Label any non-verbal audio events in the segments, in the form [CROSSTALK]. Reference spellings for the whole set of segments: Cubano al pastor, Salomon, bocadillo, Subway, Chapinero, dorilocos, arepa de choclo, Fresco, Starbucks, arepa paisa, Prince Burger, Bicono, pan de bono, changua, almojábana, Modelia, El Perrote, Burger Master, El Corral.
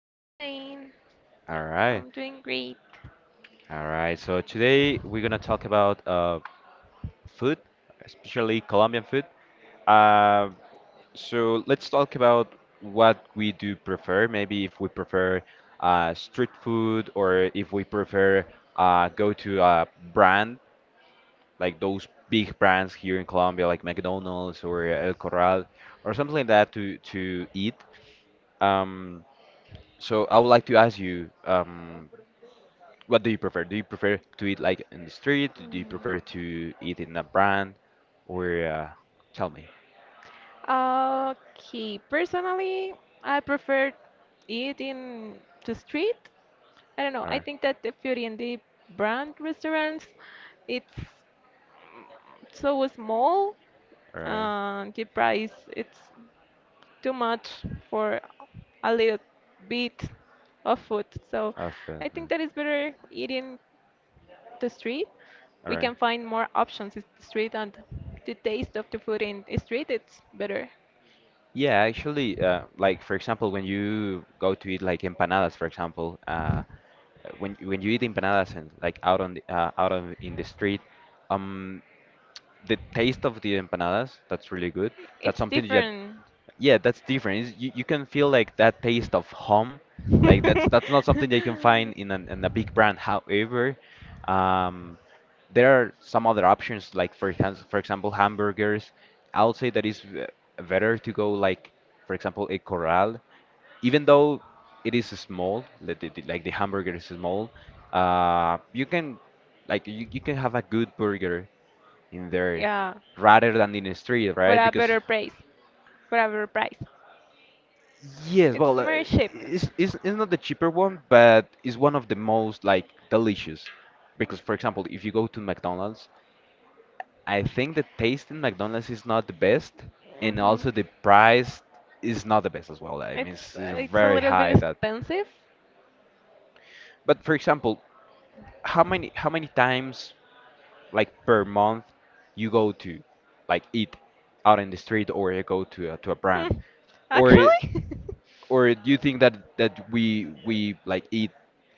fine. All right. I'm doing great. All right. So today we're gonna talk about food, especially Colombian food. Uh, so let's talk about what we do prefer. Maybe if we prefer street food or if we prefer go to a brand like those big brands here in Colombia, like McDonald's or El Corral or something like that to eat. Um, so I would like to ask you, what do you prefer? Do you prefer to eat like in the street? Do you prefer to eat in a brand? Or tell me. Okay, personally, I prefer eat in the street. I don't know. All I right. think that the Beauty and the brand restaurants, it's so small. All right. The price, it's too much for a little bit of food. So All I think that it's better eating the street, we right. can find more options in the street, and the taste of the food in the street it's better. Yeah, actually, like for example, when you go to eat like empanadas, for example, when you eat empanadas and like out on out on in the street, um, the taste of the empanadas that's really good. That's It's something that different. Yeah, that's different. You, you can feel like that taste of home. Like that's not something that you can find [LAUGHS] in a big brand. However, um, there are some other options like for example, for example, hamburgers. I would say that it's better to go like for example a Corral, even though it is small, like like the hamburger is small. You can you can have a good burger in there Yeah, rather than in the street, for right? a Because better price. For a better price. yes, It's well, more cheap. It's not the cheaper one, but it's one of the most like delicious. Because, for example, if you go to McDonald's, I think the taste in McDonald's is not the best, and Hmm. also the price is not the best as well. I mean, It's it's it's a very little high bit that. expensive. But for example, how many times like per month you go to like eat out in the street or you go to to a brand Hmm. or Actually, [LAUGHS] Or do you think that we like eat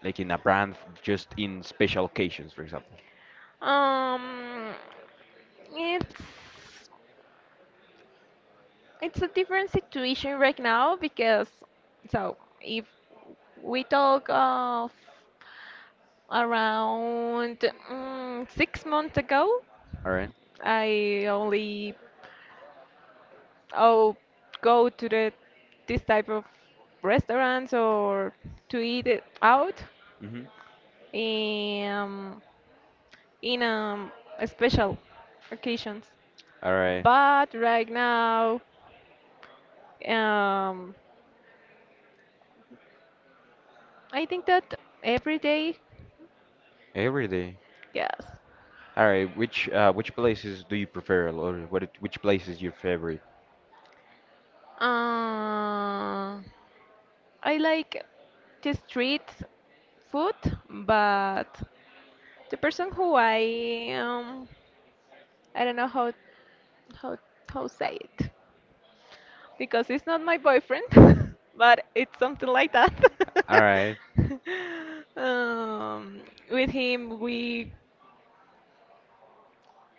like in a brand just in special occasions, for example? um, it's it's a different situation right now because so if we talk of around 6 months ago, All right. I only oh go to the this type of restaurants or to eat it out, Mm-hmm. um, in special occasions, All right. but right now, um, I think that every day. Every day. Yes. All right. Which places do you prefer, or what? Which place is your favorite? uh, I like the street food, but the person who I don't know how how say it, because it's not my boyfriend, [LAUGHS] but it's something like that. All right. [LAUGHS] um, with him, we,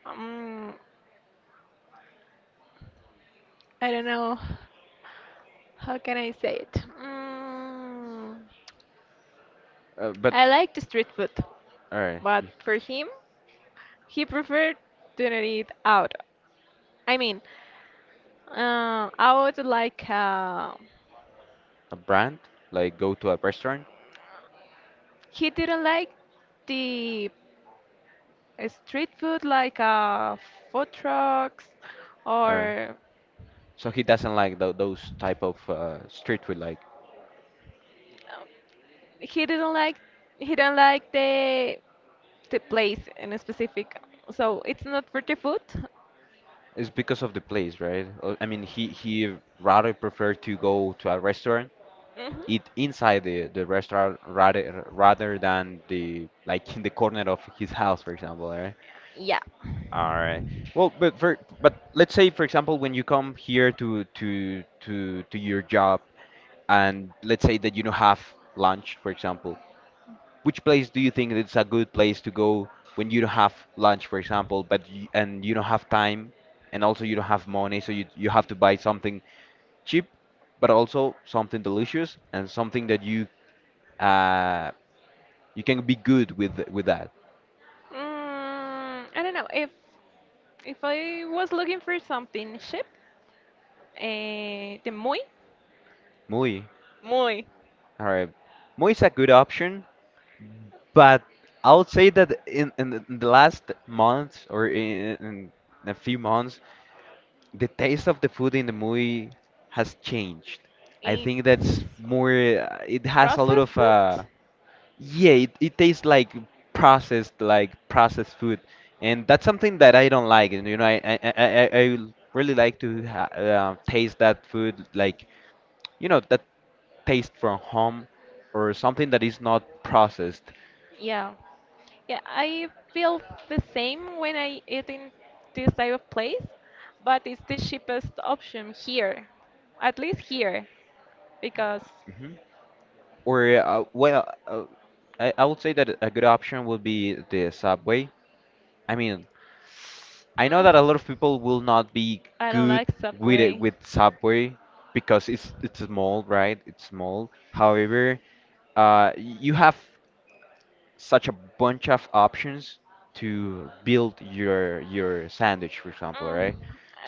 um, I don't know, how can I say it? Mm. But I like the street food, all right. but for him, he preferred doing eat out. I mean, out like, A brand like go to a restaurant. he didn't like the, street food like, food trucks, All right. or So he doesn't like those type of street food. Like Um, he didn't like, he didn't like the the place in specific. So it's not for the food. it's because of the place, right? Or I mean, he rather prefer to go to a restaurant Hmm. eat inside the restaurant rather than the like in the corner of his house, for example, right? Yeah. All right. Well, but for but let's say for example when you come here to your job and let's say that you don't have lunch, for example, which place do you think it's a good place to go when you don't have lunch, for example, but you don't have time and also you don't have money, so you have to buy something cheap, but also something delicious and something that you uh you can be good with that. I don't know. If I was looking for something cheap, the muy Muy. muy All right. Muy is a good option, but I would say that in the last months or in a few months, the taste of the food in the muy has changed. I think that's it's more. It has a lot of processed. Yeah. It tastes like processed food, and that's something that I don't like. And I really like to ha taste that food like that taste from home or something that is not processed. Yeah. Yeah, I feel the same when I eat in this type of place, but it's the cheapest option here, at least here, because hmm Or, well, I would say that a good option would be the Subway. I mean, I know that a mm, lot of people will not be I don't good like with it Subway. with Subway because it's small, right? It's small. However, you have such a bunch of options to build your sandwich, for example, Mm, right?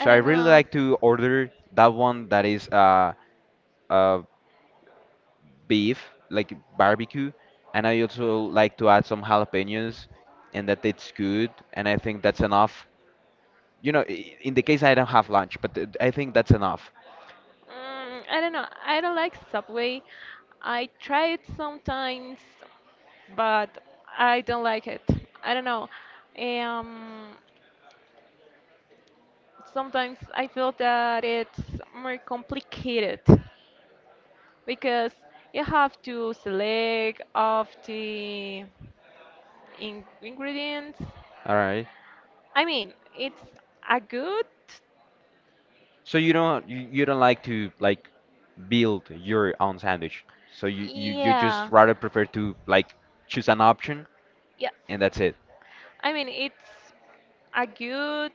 I I don't really know. like to order that one that is uh beef, like barbecue, and I also like to add some jalapenos, and that it's good, and I think that's enough. You know, in the case I don't have lunch, but I think that's enough. I don't know. I don't like Subway. I try it sometimes, but I don't like it. I don't know. Um, Sometimes I feel that it's more complicated because you have to select of the in ingredients. All right. I mean, it's a good. So you don't like to like build your own sandwich. So you just Yeah. rather prefer to like choose an option Yeah. and that's it. I mean, it's a good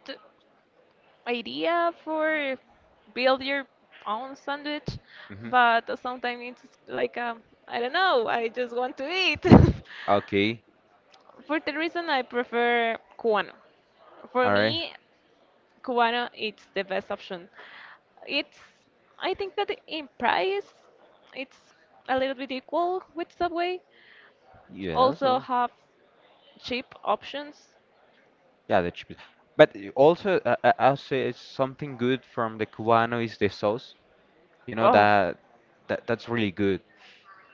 idea for build your own sandwich, hmm but sometimes it's like I don't know, I just want to eat. [LAUGHS] Okay, For the reason I prefer Cubano. For all right. me, Cubano, it's the best option. It's, I think that in price, it's a little bit equal with Subway. Yes, Also have cheap options. yeah, the chip. But also, I'll say it's something good from the Cubano is the sauce. You know Oh, that that's really good.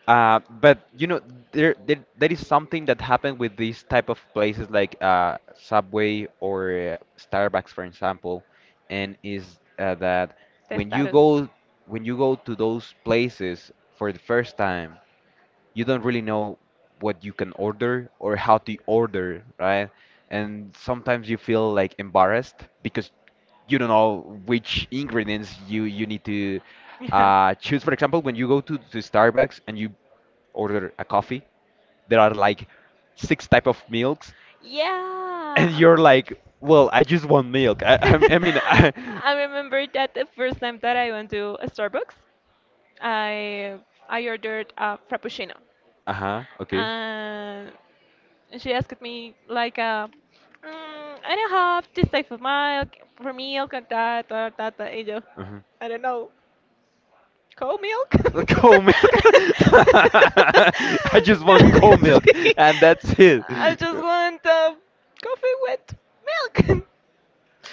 But you know there that is something that happened with these type of places like Subway or Starbucks, for example, and is that when you testados. go when you go to those places for the first time you don't really know what you can order or how to order, right? And sometimes you feel like embarrassed because you don't know which ingredients you need to Yeah. Choose. For example, when you go to Starbucks and you order a coffee, there are like six type of milks, [LAUGHS] and Yeah. you're [LAUGHS] like, well, I just want milk. [LAUGHS] I remember that the first time that I went to a Starbucks, I I ordered a frappuccino, uh huh. Okay. and she asked me like, I don't have this type of milk for milk and that or that. That. And yo, Uh-huh. I don't know, cow milk. The cold milk. Sí. [LAUGHS] I just [LAUGHS] want cold milk, and that's it. [LAUGHS] I just want, coffee with milk.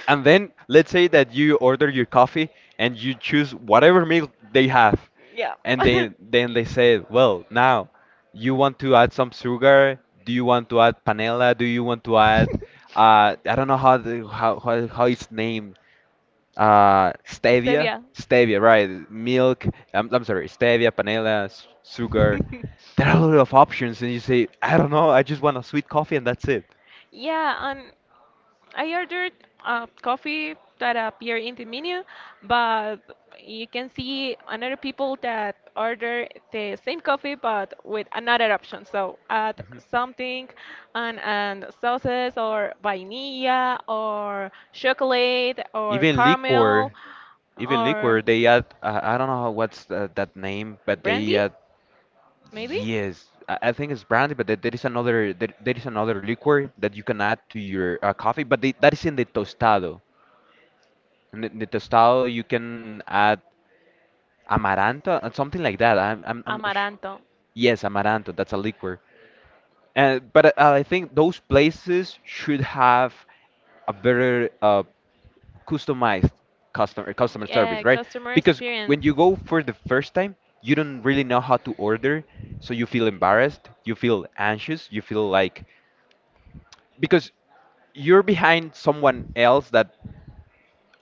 And then let's say that you order your coffee and you choose whatever milk they have, [LAUGHS] Yeah. and [LAUGHS] then they say, well, now you want to add some sugar? Do you want to add panela? Do you want to add I don't know how how it's named. Stevia, Stevia. stevia, right? Milk. I'm sorry, stevia, panela, sugar. [LAUGHS] There are a lot of options, and you say, I don't know, I just want a sweet coffee, and that's it. Yeah, and I ordered, coffee that appear in the menu, but you can see another people that order the same coffee but with another option. So add Mhm. something, and sauces or vanilla or chocolate or Even caramel, liquor. Even or liquor, they add, I don't know that name, but they brandy add, maybe. yes, I think it's brandy, but there is another there is another liquor that you can add to your coffee, but they, that is in the tostado. In the tostado, you can add amaranto and something like that. I'm not sh Amaranto. Yes, amaranto, that's a liquor. And but I think those places should have a better customized customer service, Yeah, right? customer Because experience. when you go for the first time, you don't really know how to order, so you feel embarrassed, you feel anxious, you feel like because you're behind someone else that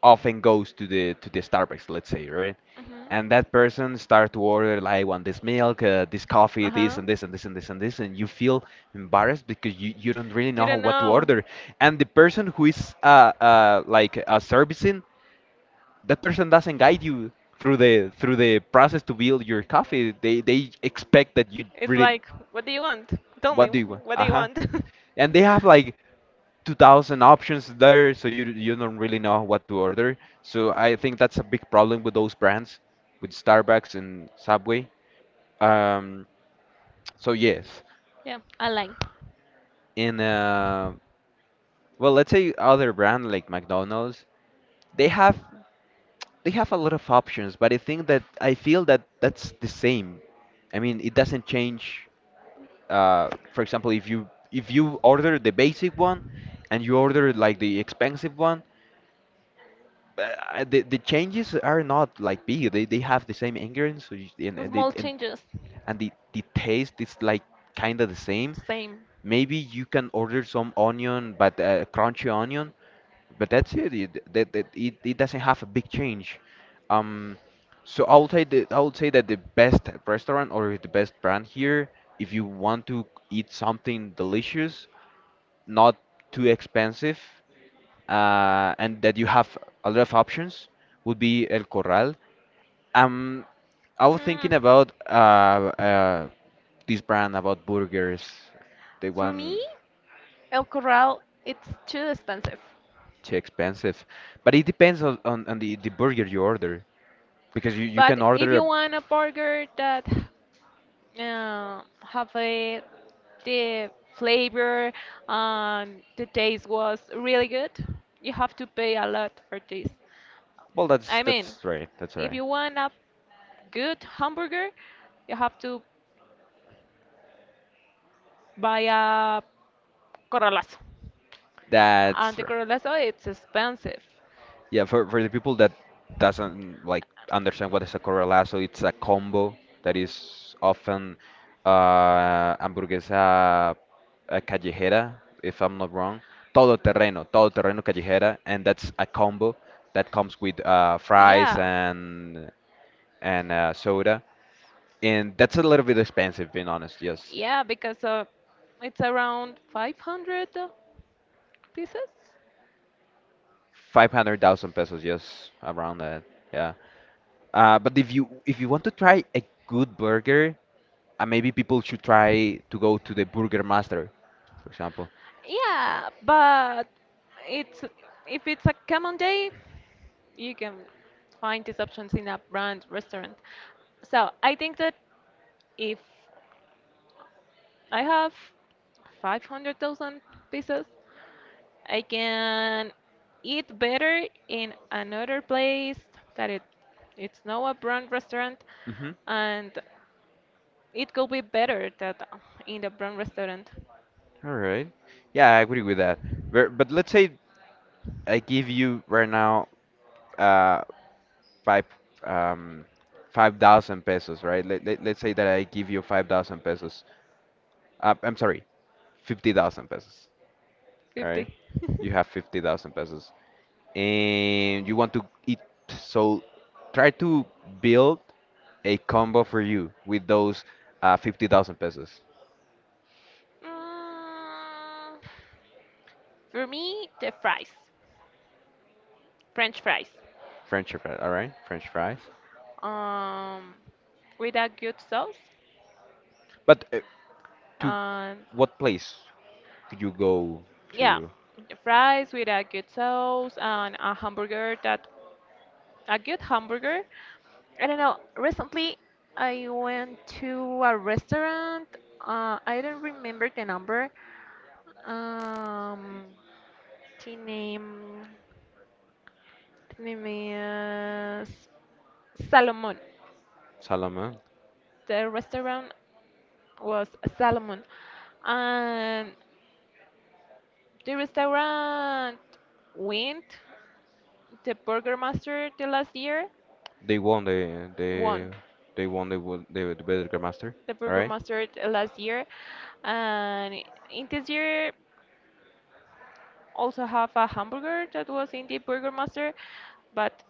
often goes to the Starbucks, let's say, right? Mhm. And that person start to order like I want this milk, this coffee, Uh huh. This, and you feel embarrassed because you don't really know Didn't what to know. order. And the person who is servicing that person doesn't guide you through the process to build your coffee. They expect that you It's really like, what do you want? Tell me, what do you want? what do Uh you huh. want? And [LAUGHS] they have like 2,000 options there, so you don't really know what to order. So I think that's a big problem with those brands, with Starbucks and Subway. Um, so yes, Yeah, I like. in uh, let's say other brand like McDonald's, they have. they have a lot of options, but I feel that that's the same. I mean, it doesn't change. For example, if you order the basic one and you order like the expensive one, the changes are not like big. They have the same ingredients so Small changes. and the taste is like kind of the same. Same. Maybe you can order some onion, but crunchy onion, but that's it. It doesn't have a big change. Um, so I would say that the best restaurant or the best brand here, if you want to eat something delicious, not too expensive and that you have a lot of options would be El Corral. Um, I was Mm. thinking about uh, this brand about burgers, the For one me, El Corral, it's too expensive. too expensive, but it depends on the burger you order because you But can if order you a want a burger that, have the flavor and the taste was really good, you have to pay a lot for this. well, I mean, if you want a good hamburger, you have to buy a corralazo. And that's the right. corralazo, it's expensive. Yeah, for the people that doesn't like understand what is a correa lazo, it's a combo that is often hamburguesa callejera, if I'm not wrong, todo terreno callejera, and that's a combo that comes with fries Yeah. And soda, and that's a little bit expensive, being honest. Yes, Yeah, because, it's around 500 pieces. 500,000 pesos, yes, around that. Yeah. But if you want to try a good burger, and maybe people should try to go to the Burger Master, for example. Yeah, but it's, if it's a common day, you can find these options in a brand restaurant. So I think that if I have 500,000 pieces, I can eat better in another place that it's not a brand restaurant, Mm-hmm. and it could be better that in the brown restaurant. All right. Yeah, I agree with that. But let's say I give you right now uh five um 5,000 pesos, right? Let's say that I give you 5,000 pesos. I'm sorry, 50,000 pesos. All right. 50. You [LAUGHS] have 50,000 pesos, and you want to eat. So try to build a combo for you with those 50,000 pesos. Mm, for me, the fries, French fries, French fries. All right, French fries. um, with a good sauce, But to and what place could you go yeah, to? the fries with a good sauce and a hamburger that, a good hamburger. I don't know. Recently, I went to a restaurant. I don't remember the number. Um, the name is Salomon. Salomon? The restaurant was Salomon, and the restaurant went. The Burger Master the last year They won the won. the they won the Burger Master. The All Burger right. Master the last year, and in this year also have a hamburger that was in the Burger Master, but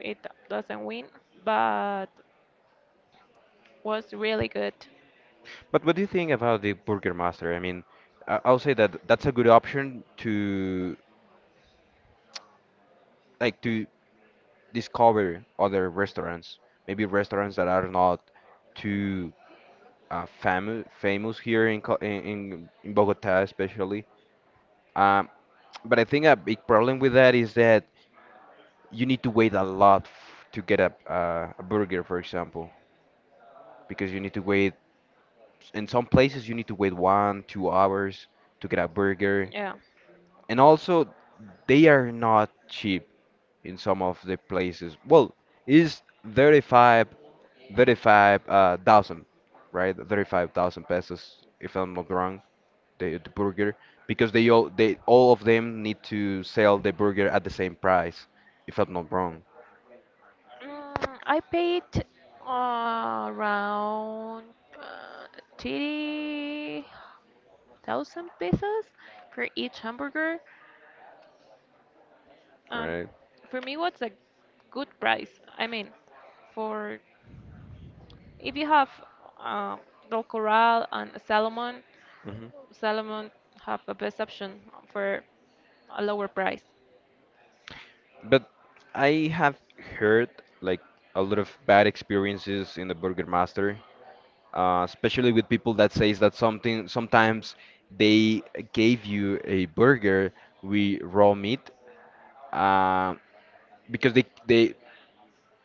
it doesn't win. But was really good. But what do you think about the Burger Master? I mean, I'll say that that's a good option to, like, to discover other restaurants, maybe restaurants that are not too famous here in in Bogota especially. Um, but I think a big problem with that is that you need to wait a lot to get a burger, for example, because you need to wait. In some places, you need to wait one, 2 hours to get a burger, Yeah. and also they are not cheap in some of the places. Well, is 35, thirty-five thousand, right? 35,000 pesos, if I'm not wrong, the burger, because they all of them need to sell the burger at the same price, if I'm not wrong, I paid, around, 30,000 pesos for each hamburger. And right? for me, what's a good price? I mean, for if you have, um, El Corral and Salomon, Salomon have a best option for a lower price. But I have heard, like, a lot of bad experiences in the Burger Master, especially with people that says that something, sometimes they gave you a burger with raw meat, uh, because they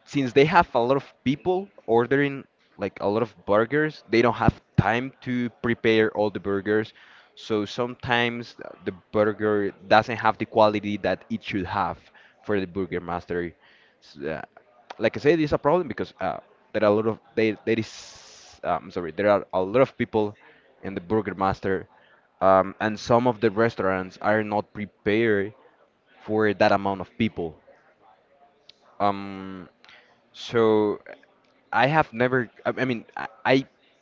since they have a lot of people ordering, like, a lot of burgers, they don't have time to prepare all the burgers. So sometimes the burger doesn't have the quality that it should have for the Burger Master. S- uh, like I said, it's a problem because there are a lot of there, there is, sorry, there are a lot of people in the Burger Master, and some of the restaurants are not prepared for that amount of people. Um, so I have never. I mean, I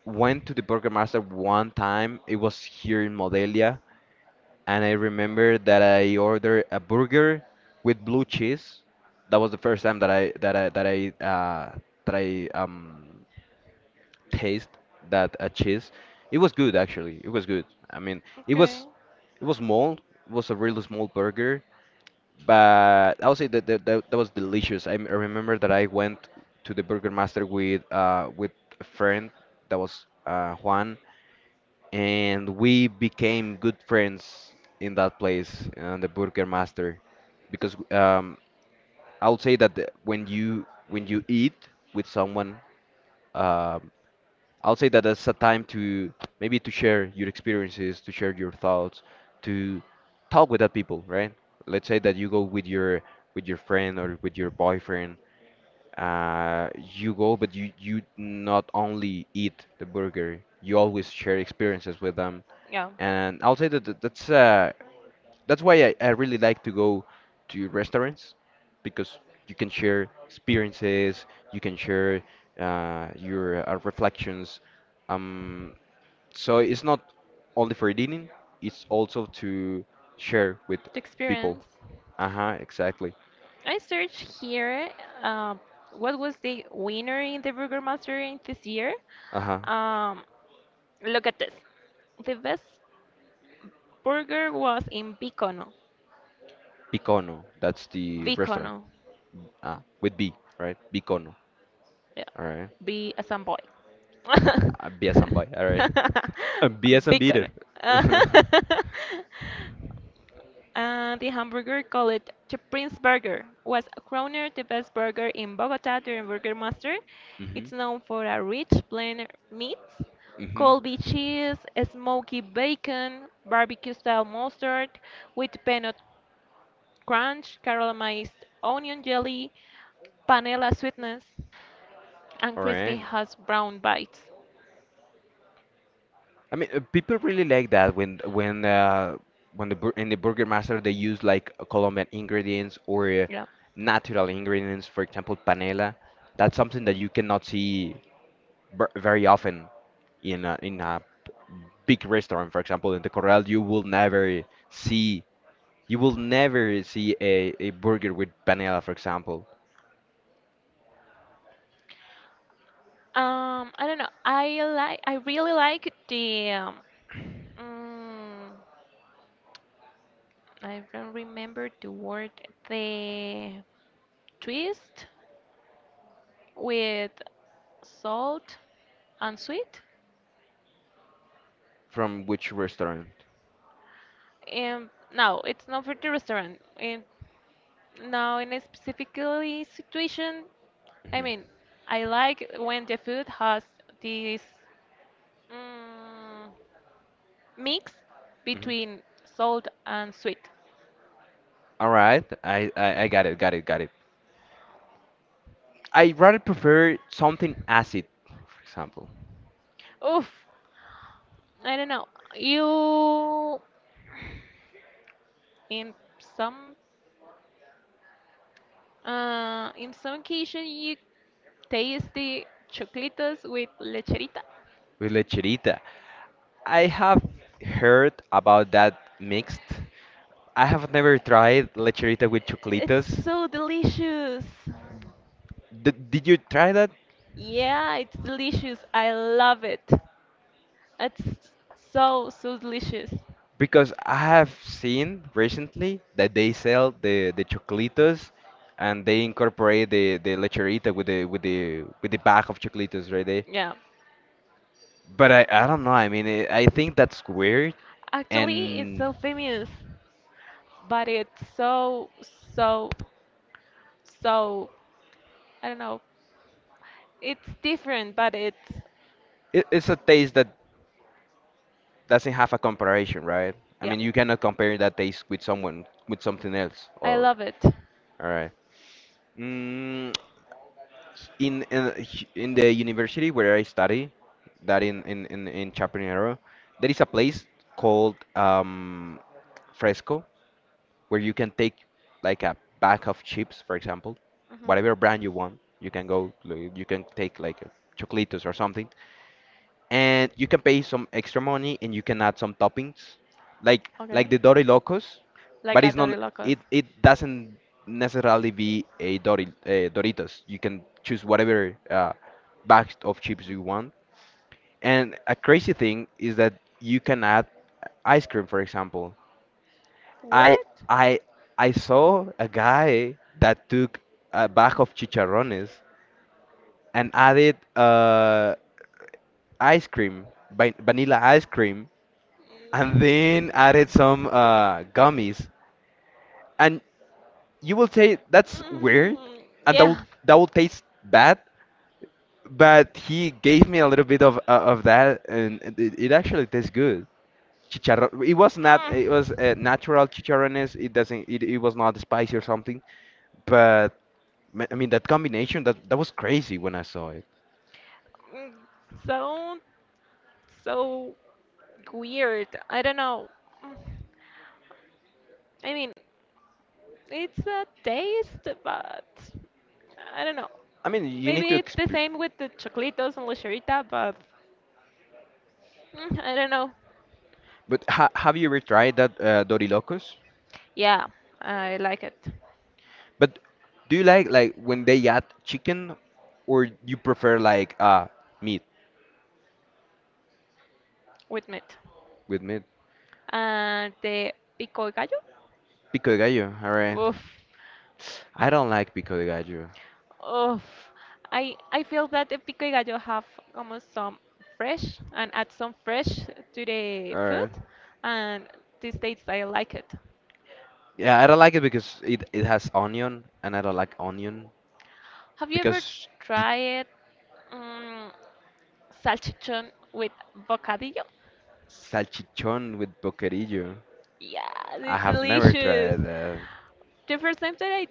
went to the Burger Master one time. It was here in Modelia, and I remember that I ordered a burger with blue cheese. That was the first time that I that I um taste that cheese. It was good, actually. It was good. I mean, it Okay. was it was small. It was a really small burger, but I would say that that was delicious. I remember that I went to the Burger Master with a friend that was Juan, and we became good friends in that place on the Burger Master, because I would say that, when you eat with someone. um I'll say that that's a time to, maybe, to share your experiences, to share your thoughts, to talk with that people, right? Let's say that you go with your friend or with your boyfriend. You go, but you not only eat the burger, you always share experiences with them. Yeah. And I'll say that that's why I really like to go to restaurants, because you can share experiences, you can share your reflections. Um, so it's not only for eating, it's also to share with The people. experience. Uh-huh, exactly. I searched here, um, what was the winner in the Burgermaster in this year. Uh-huh. Um, Look at this. The best burger was in Bicono. Bicono, that's the Bicono. restaurant. Ah, with B, right? Bicono. Yeah. All right. B as in boy. [LAUGHS] Biasambay, all right. [LAUGHS] Bicono. Biasambiter. [LAUGHS] Mm-hmm. And the hamburger called the Prince Burger was crowned the best burger in Bogota during Burger Master. It's known for a rich blend of meats, Mm-hmm. [LAUGHS] Colby cheese, smoky bacon, barbecue style mustard with peanut crunch, caramelized onion jelly, panela sweetness, and All crispy right. hash brown bites. I mean, people really like that when in the Burger Master they use, like, Colombian ingredients, or Yeah. natural ingredients, for example, panela. That's something that you cannot see very often in a, big restaurant. For example, in the Corral, you will never see a, burger with panela, for example. I don't know. I like. I really like the. Mm, I don't remember the word. The twist with salt and sweet. From which restaurant? No, it's not for the restaurant. And now in a specifically situation, I Mhm. mean, I like when the food has this, mm, mix Mhm. between salt and sweet. All right, I got it, got it, got it. I rather prefer something acid, for example, Oof, I don't know. You in some, in some occasion, you taste the choclitos with lecherita. with lecherita. I have heard about that mixed. I have never tried lecherita with It's choclitas. so delicious. D did you try that? Yeah, it's delicious. I love it. It's so so delicious. Because I have seen recently that they sell the choclitos and they incorporate the lecherita with the bag of choclitos right there. Yeah. But I don't know. I mean, I think that's weird, Actually, it's and so famous, but it's so, so, so, I don't know. It's different, but it's, it's a taste that doesn't have a comparison, right? I yeah, mean, you cannot compare that taste with someone, with something else. I Or love it. all right. Mm, in the university where I study, that in Chapinero, there is a place called Fresco, where you can take, like, a bag of chips, for example, Hmm. whatever brand you want. You can go, like, you can take like chocolitos or something, and you can pay some extra money and you can add some toppings, like Okay. the dory locos. Like But a it's not Dory Locos. it it doesn't necessarily be a dory doritos. You can choose whatever box of chips you want, and a crazy thing is that you can add ice cream, for example. i What? i i saw a guy that took a bag of chicharrones and added ice cream, vanilla ice cream, and Mm, then added some gummies. And you will say that's weird, and that will yeah. Taste bad. But he gave me a little bit of, of that, and it actually tastes good. Chicharrón. It was not. It was natural chicharrones. It doesn't. It was not spicy or something. But I mean that combination. That was crazy when I saw it. Mm, mm, Sound so weird. I don't know. Mm, I mean, it's a taste, but I don't know. I mean you need Maybe to it's the exp. same with the choclitos and lecherita, but, I don't know. But ha have you ever tried that dorilocos? Yeah, I like it But do you like, when they add chicken, or you prefer, like, meat? with meat. With meat? And the pico de gallo? Pico de gallo. All right. Oof. I don't like pico de gallo. Oof. I feel that the pico de gallo have almost some fresh and add some fresh to the All food, right. and this tastes I like it. Yeah, I don't like it because it has onion, and I don't like onion. Have you ever Because tried, um, salchichon with bocadillo? salchichon with boquerillo. Yeah, I it's have never delicious. tried that. The first time that I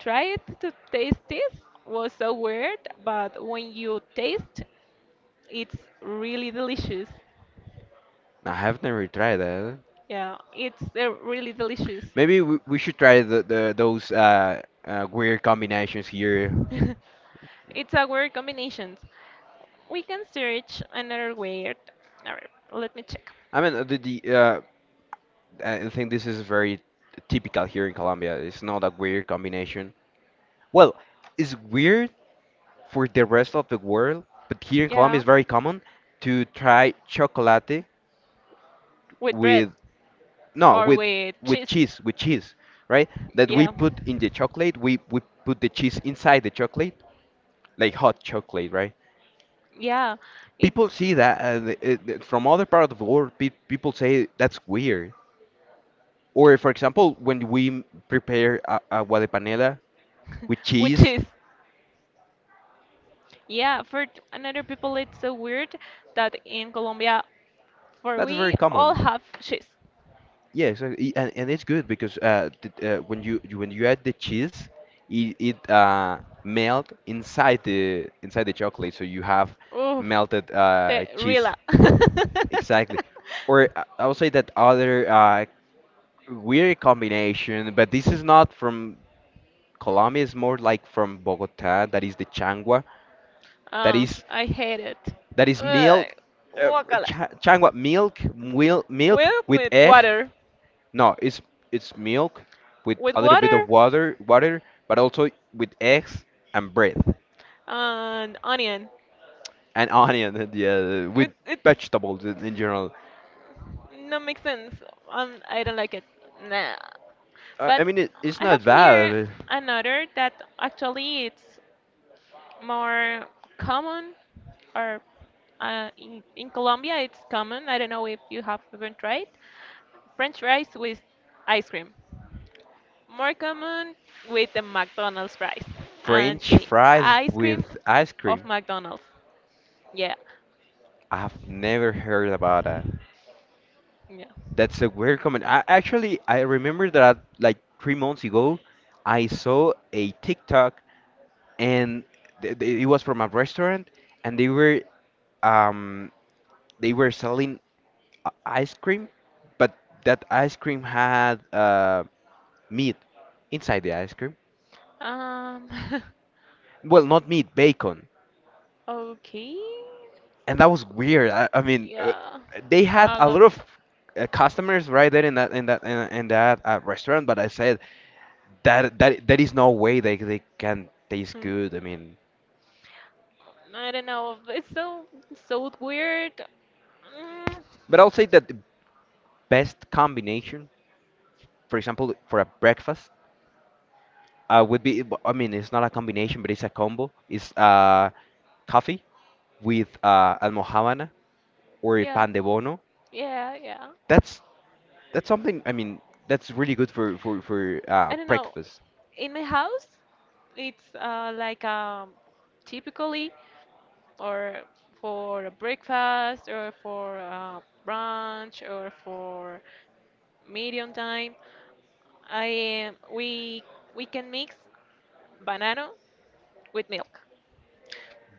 tried to taste this was so weird, but when you taste, it's really delicious. I have never tried that. Yeah, it's, really delicious. Maybe we should try the, those weird combinations here. [LAUGHS] It's a weird combination. We can search another weird. All right, let me check. I mean, the I think this is very typical here in Colombia. It's not a weird combination. Well, it's weird for the rest of the world, but here in Colombia Yeah, it's very common to try chocolate with bread with, no, or with with with cheese. cheese, right? That we Yeah, put in the chocolate, we put the cheese inside the chocolate, like hot chocolate, right? yeah, it People see that from other part of the world, pe people say that's weird. Or, for example, when we prepare a, guadapanela with which cheese. is, [LAUGHS] yeah, for another people it's so weird that in Colombia for That's very we all common. have cheese. Yeah, exactly. And it's good because, when you add the cheese, it melt inside the chocolate, so you have Oof. melted The cheese. Rila. [LAUGHS] Exactly. Or, I would say that other weird combination, but this is not from Colombia. It's more like from Bogota. That is the changua. That Oh, is I hate it. that is Ugh, milk, uh, guacala. changua milk, Milk with with egg. water. No, it's milk with a With little bit of water water, but also with eggs and bread and onion. and [LAUGHS] onion and, yeah, with It vegetables in general. no makes sense. I don't like it. Nah. I, But I mean, it's I have not here bad. another that actually it's more common, or, in Colombia it's common. I don't know if you have even tried French fries with ice cream. More common with the McDonald's fries and French the fries ice cream with ice of cream. McDonald's. Yeah, I've never heard about that. yeah. That's a weird comment. I, actually, I remember that, like, 3 months ago, I saw a TikTok, and th th it was from a restaurant, and um they were selling ice cream, but that ice cream had meat inside the ice cream. Um, Well, not meat, bacon, [LAUGHS] okay. and that was weird. I mean, Yeah, they had a a lot. lot of customers right there in that restaurant, but I said that there is no way they can taste Hmm. good. I mean, I don't know. It's so so weird. Mm. but I'll say that the best combination, for example, for a breakfast, would be. I mean, it's not a combination, but it's a combo. It's coffee with almojábana or a Yeah, pan de bono. yeah, yeah. That's that's something. I mean, that's really good for I don't know. breakfast. In my house, it's, like, typically, or for a breakfast or for, brunch or for medium time. I we can mix banana with milk.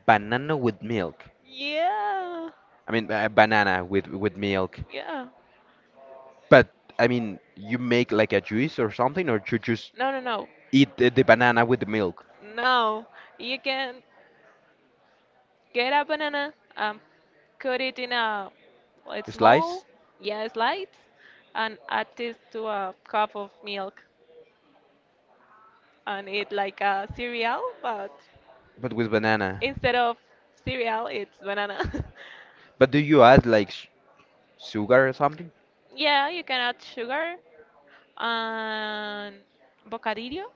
Banana with milk. Yeah, I mean, banana with milk. yeah. But I mean, you make, like, a juice or something, or you just No, no, no, eat the, banana with the milk no. You can get a banana and cut it in a small, slice, yeah, slice, and add this to a cup of milk and eat like a cereal, but but with banana. instead of cereal, it's banana. But do you add, like, sugar or something? [LAUGHS] Yeah, you can add sugar and bocadillo.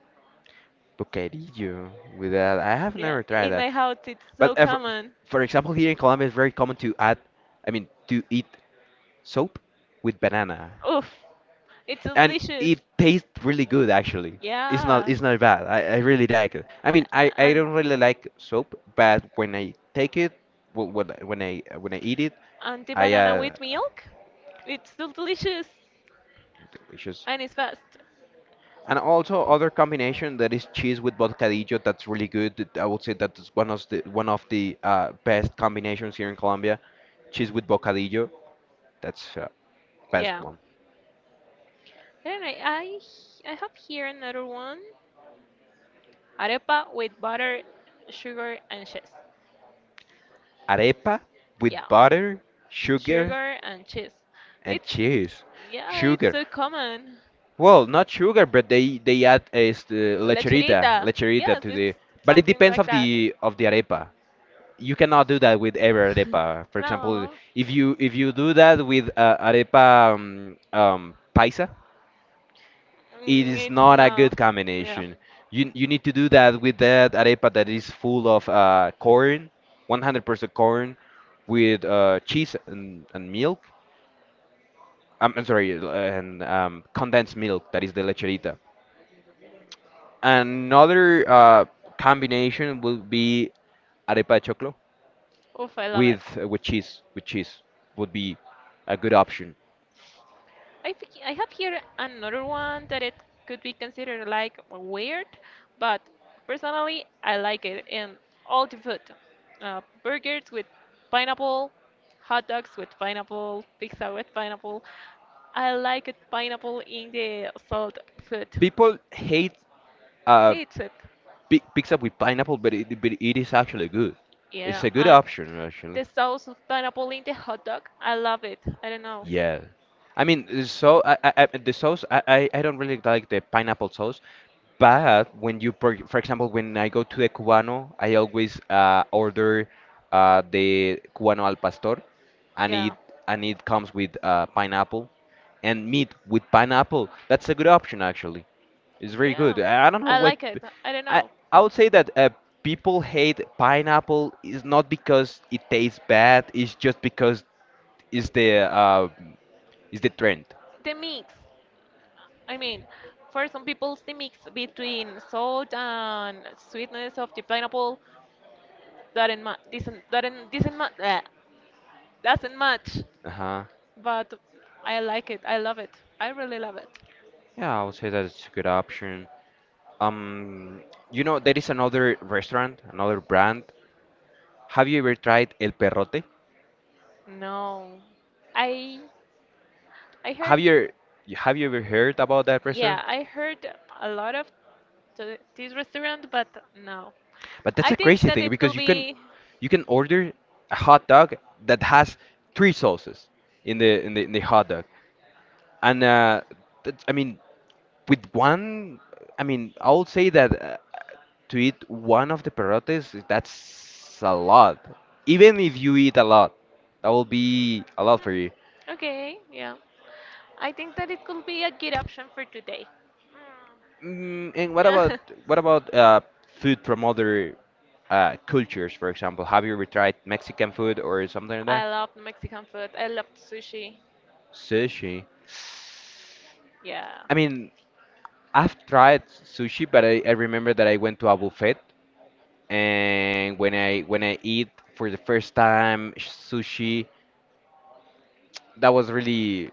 Bocadillo with that. I have Yeah, never tried in that. my house it's so But common. for example, here in Colombia, it's very common to add. I mean, to eat soap with banana. Oof, it's so And delicious. it tastes really good, actually. It's not Yeah. it's not bad. I really like it. I mean, I And don't really like soap, but when I take it, when I eat it, and the I banana with milk, it's so delicious delicious. and it's fast. And also other combination that is cheese with bocadillo. That's really good. I would say that's one of the best combinations here in Colombia. Cheese with bocadillo. That's best Yeah. one. Anyway, I have here another one. Arepa with butter, sugar and cheese. Arepa with Yeah. butter, sugar, Sugar and cheese. and It's cheese. Yeah, it's Sugar. so common. Well, not sugar, but they add is the lecherita, Lecherita. lecherita Yes, to it's the. But it something depends like of that. the arepa. You cannot do that with every arepa. [LAUGHS] For example, No, if you do that with arepa paisa, it mm, is it's not a no. good Yeah. combination. You need to do that with that arepa that is full of corn, 100% corn, with cheese and milk. I'm sorry, and condensed milk. That is the lecherita. Another combination would be arepa de choclo Oof, I love it. With cheese. With cheese would be a good option. I think I have here another one that it could be considered like weird, but personally I like it in all the food. Burgers with pineapple, hot dogs with pineapple, pizza with pineapple. I like it pineapple in the salt food. People hate uh, Hates it. Picks up with pineapple, but but it is actually good. It's Yeah, a good and option actually. the sauce of pineapple in the hot dog. I love it. I don't know. Yeah, I mean, the sauce I don't really like the pineapple sauce, but for example when I go to the Cubano, I always order the Cubano al pastor, and it Yeah. and it comes with pineapple, and meat with pineapple. That's a good option actually. It's very good. Yeah. I don't know I why. like it. I don't I know. I would say that people hate pineapple is not because it tastes bad. It's just because it's the uh, it's the trend. The mix. I mean, for some people, the mix between salt and sweetness of the pineapple doesn't, ma- bleh, doesn't match. Uh huh. But I like it. I love it. I really love it. Yeah, I would say that it's a good option. Um, you know there is another restaurant, another brand. Have you ever tried El Perrote? No. I I heard, Have you have you ever heard about that restaurant? yeah, I heard a lot of to this restaurant, but no. But that's I a think crazy that thing it because could be. you can order a hot dog that has three sauces in the hot dog. And That's, I mean, with one, I mean, I would say that to eat one of the perotes, that's a lot. Even if you eat a lot, that will be a lot for you. Okay, yeah. I think that it could be a good option for today. Mm, and [LAUGHS] what about food from other cultures, for example? Have you ever tried Mexican food or something like I that? love Mexican food. I love sushi. Sushi. Yeah. I mean, I've tried sushi, but I remember that I went to a buffet and when I eat for the first time sushi, that was really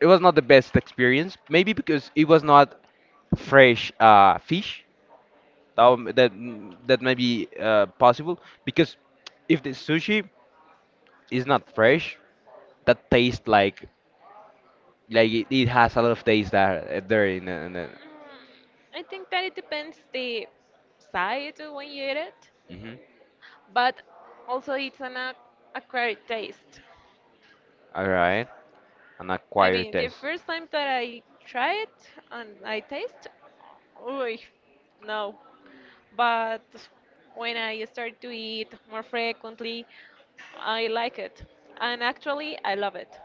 it was not the best experience. Maybe because it was not fresh fish. That may be possible because if the sushi is not fresh, that tastes like it has a lot of taste Mm, that there in the I think that it depends the side when you eat it, Mhm. but also it's an acquired taste. All right, an I acquired mean, the taste. first time that I try it and I taste, ooh, no. But when I start to eat more frequently, I like it. And actually, I love it.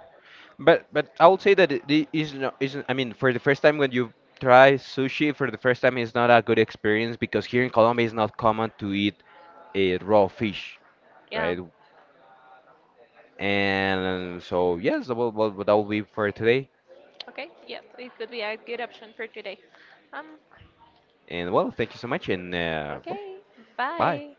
But I would say that it is not isn't. I mean, for the first time when you try sushi for the first time it's not a good experience because here in Colombia it's not common to eat a raw fish, Yeah. right? And so yes, well, that will be for today. Okay. Yes, it could be a good option for today. Um, And well, thank you so much and well, okay. bye. Bye.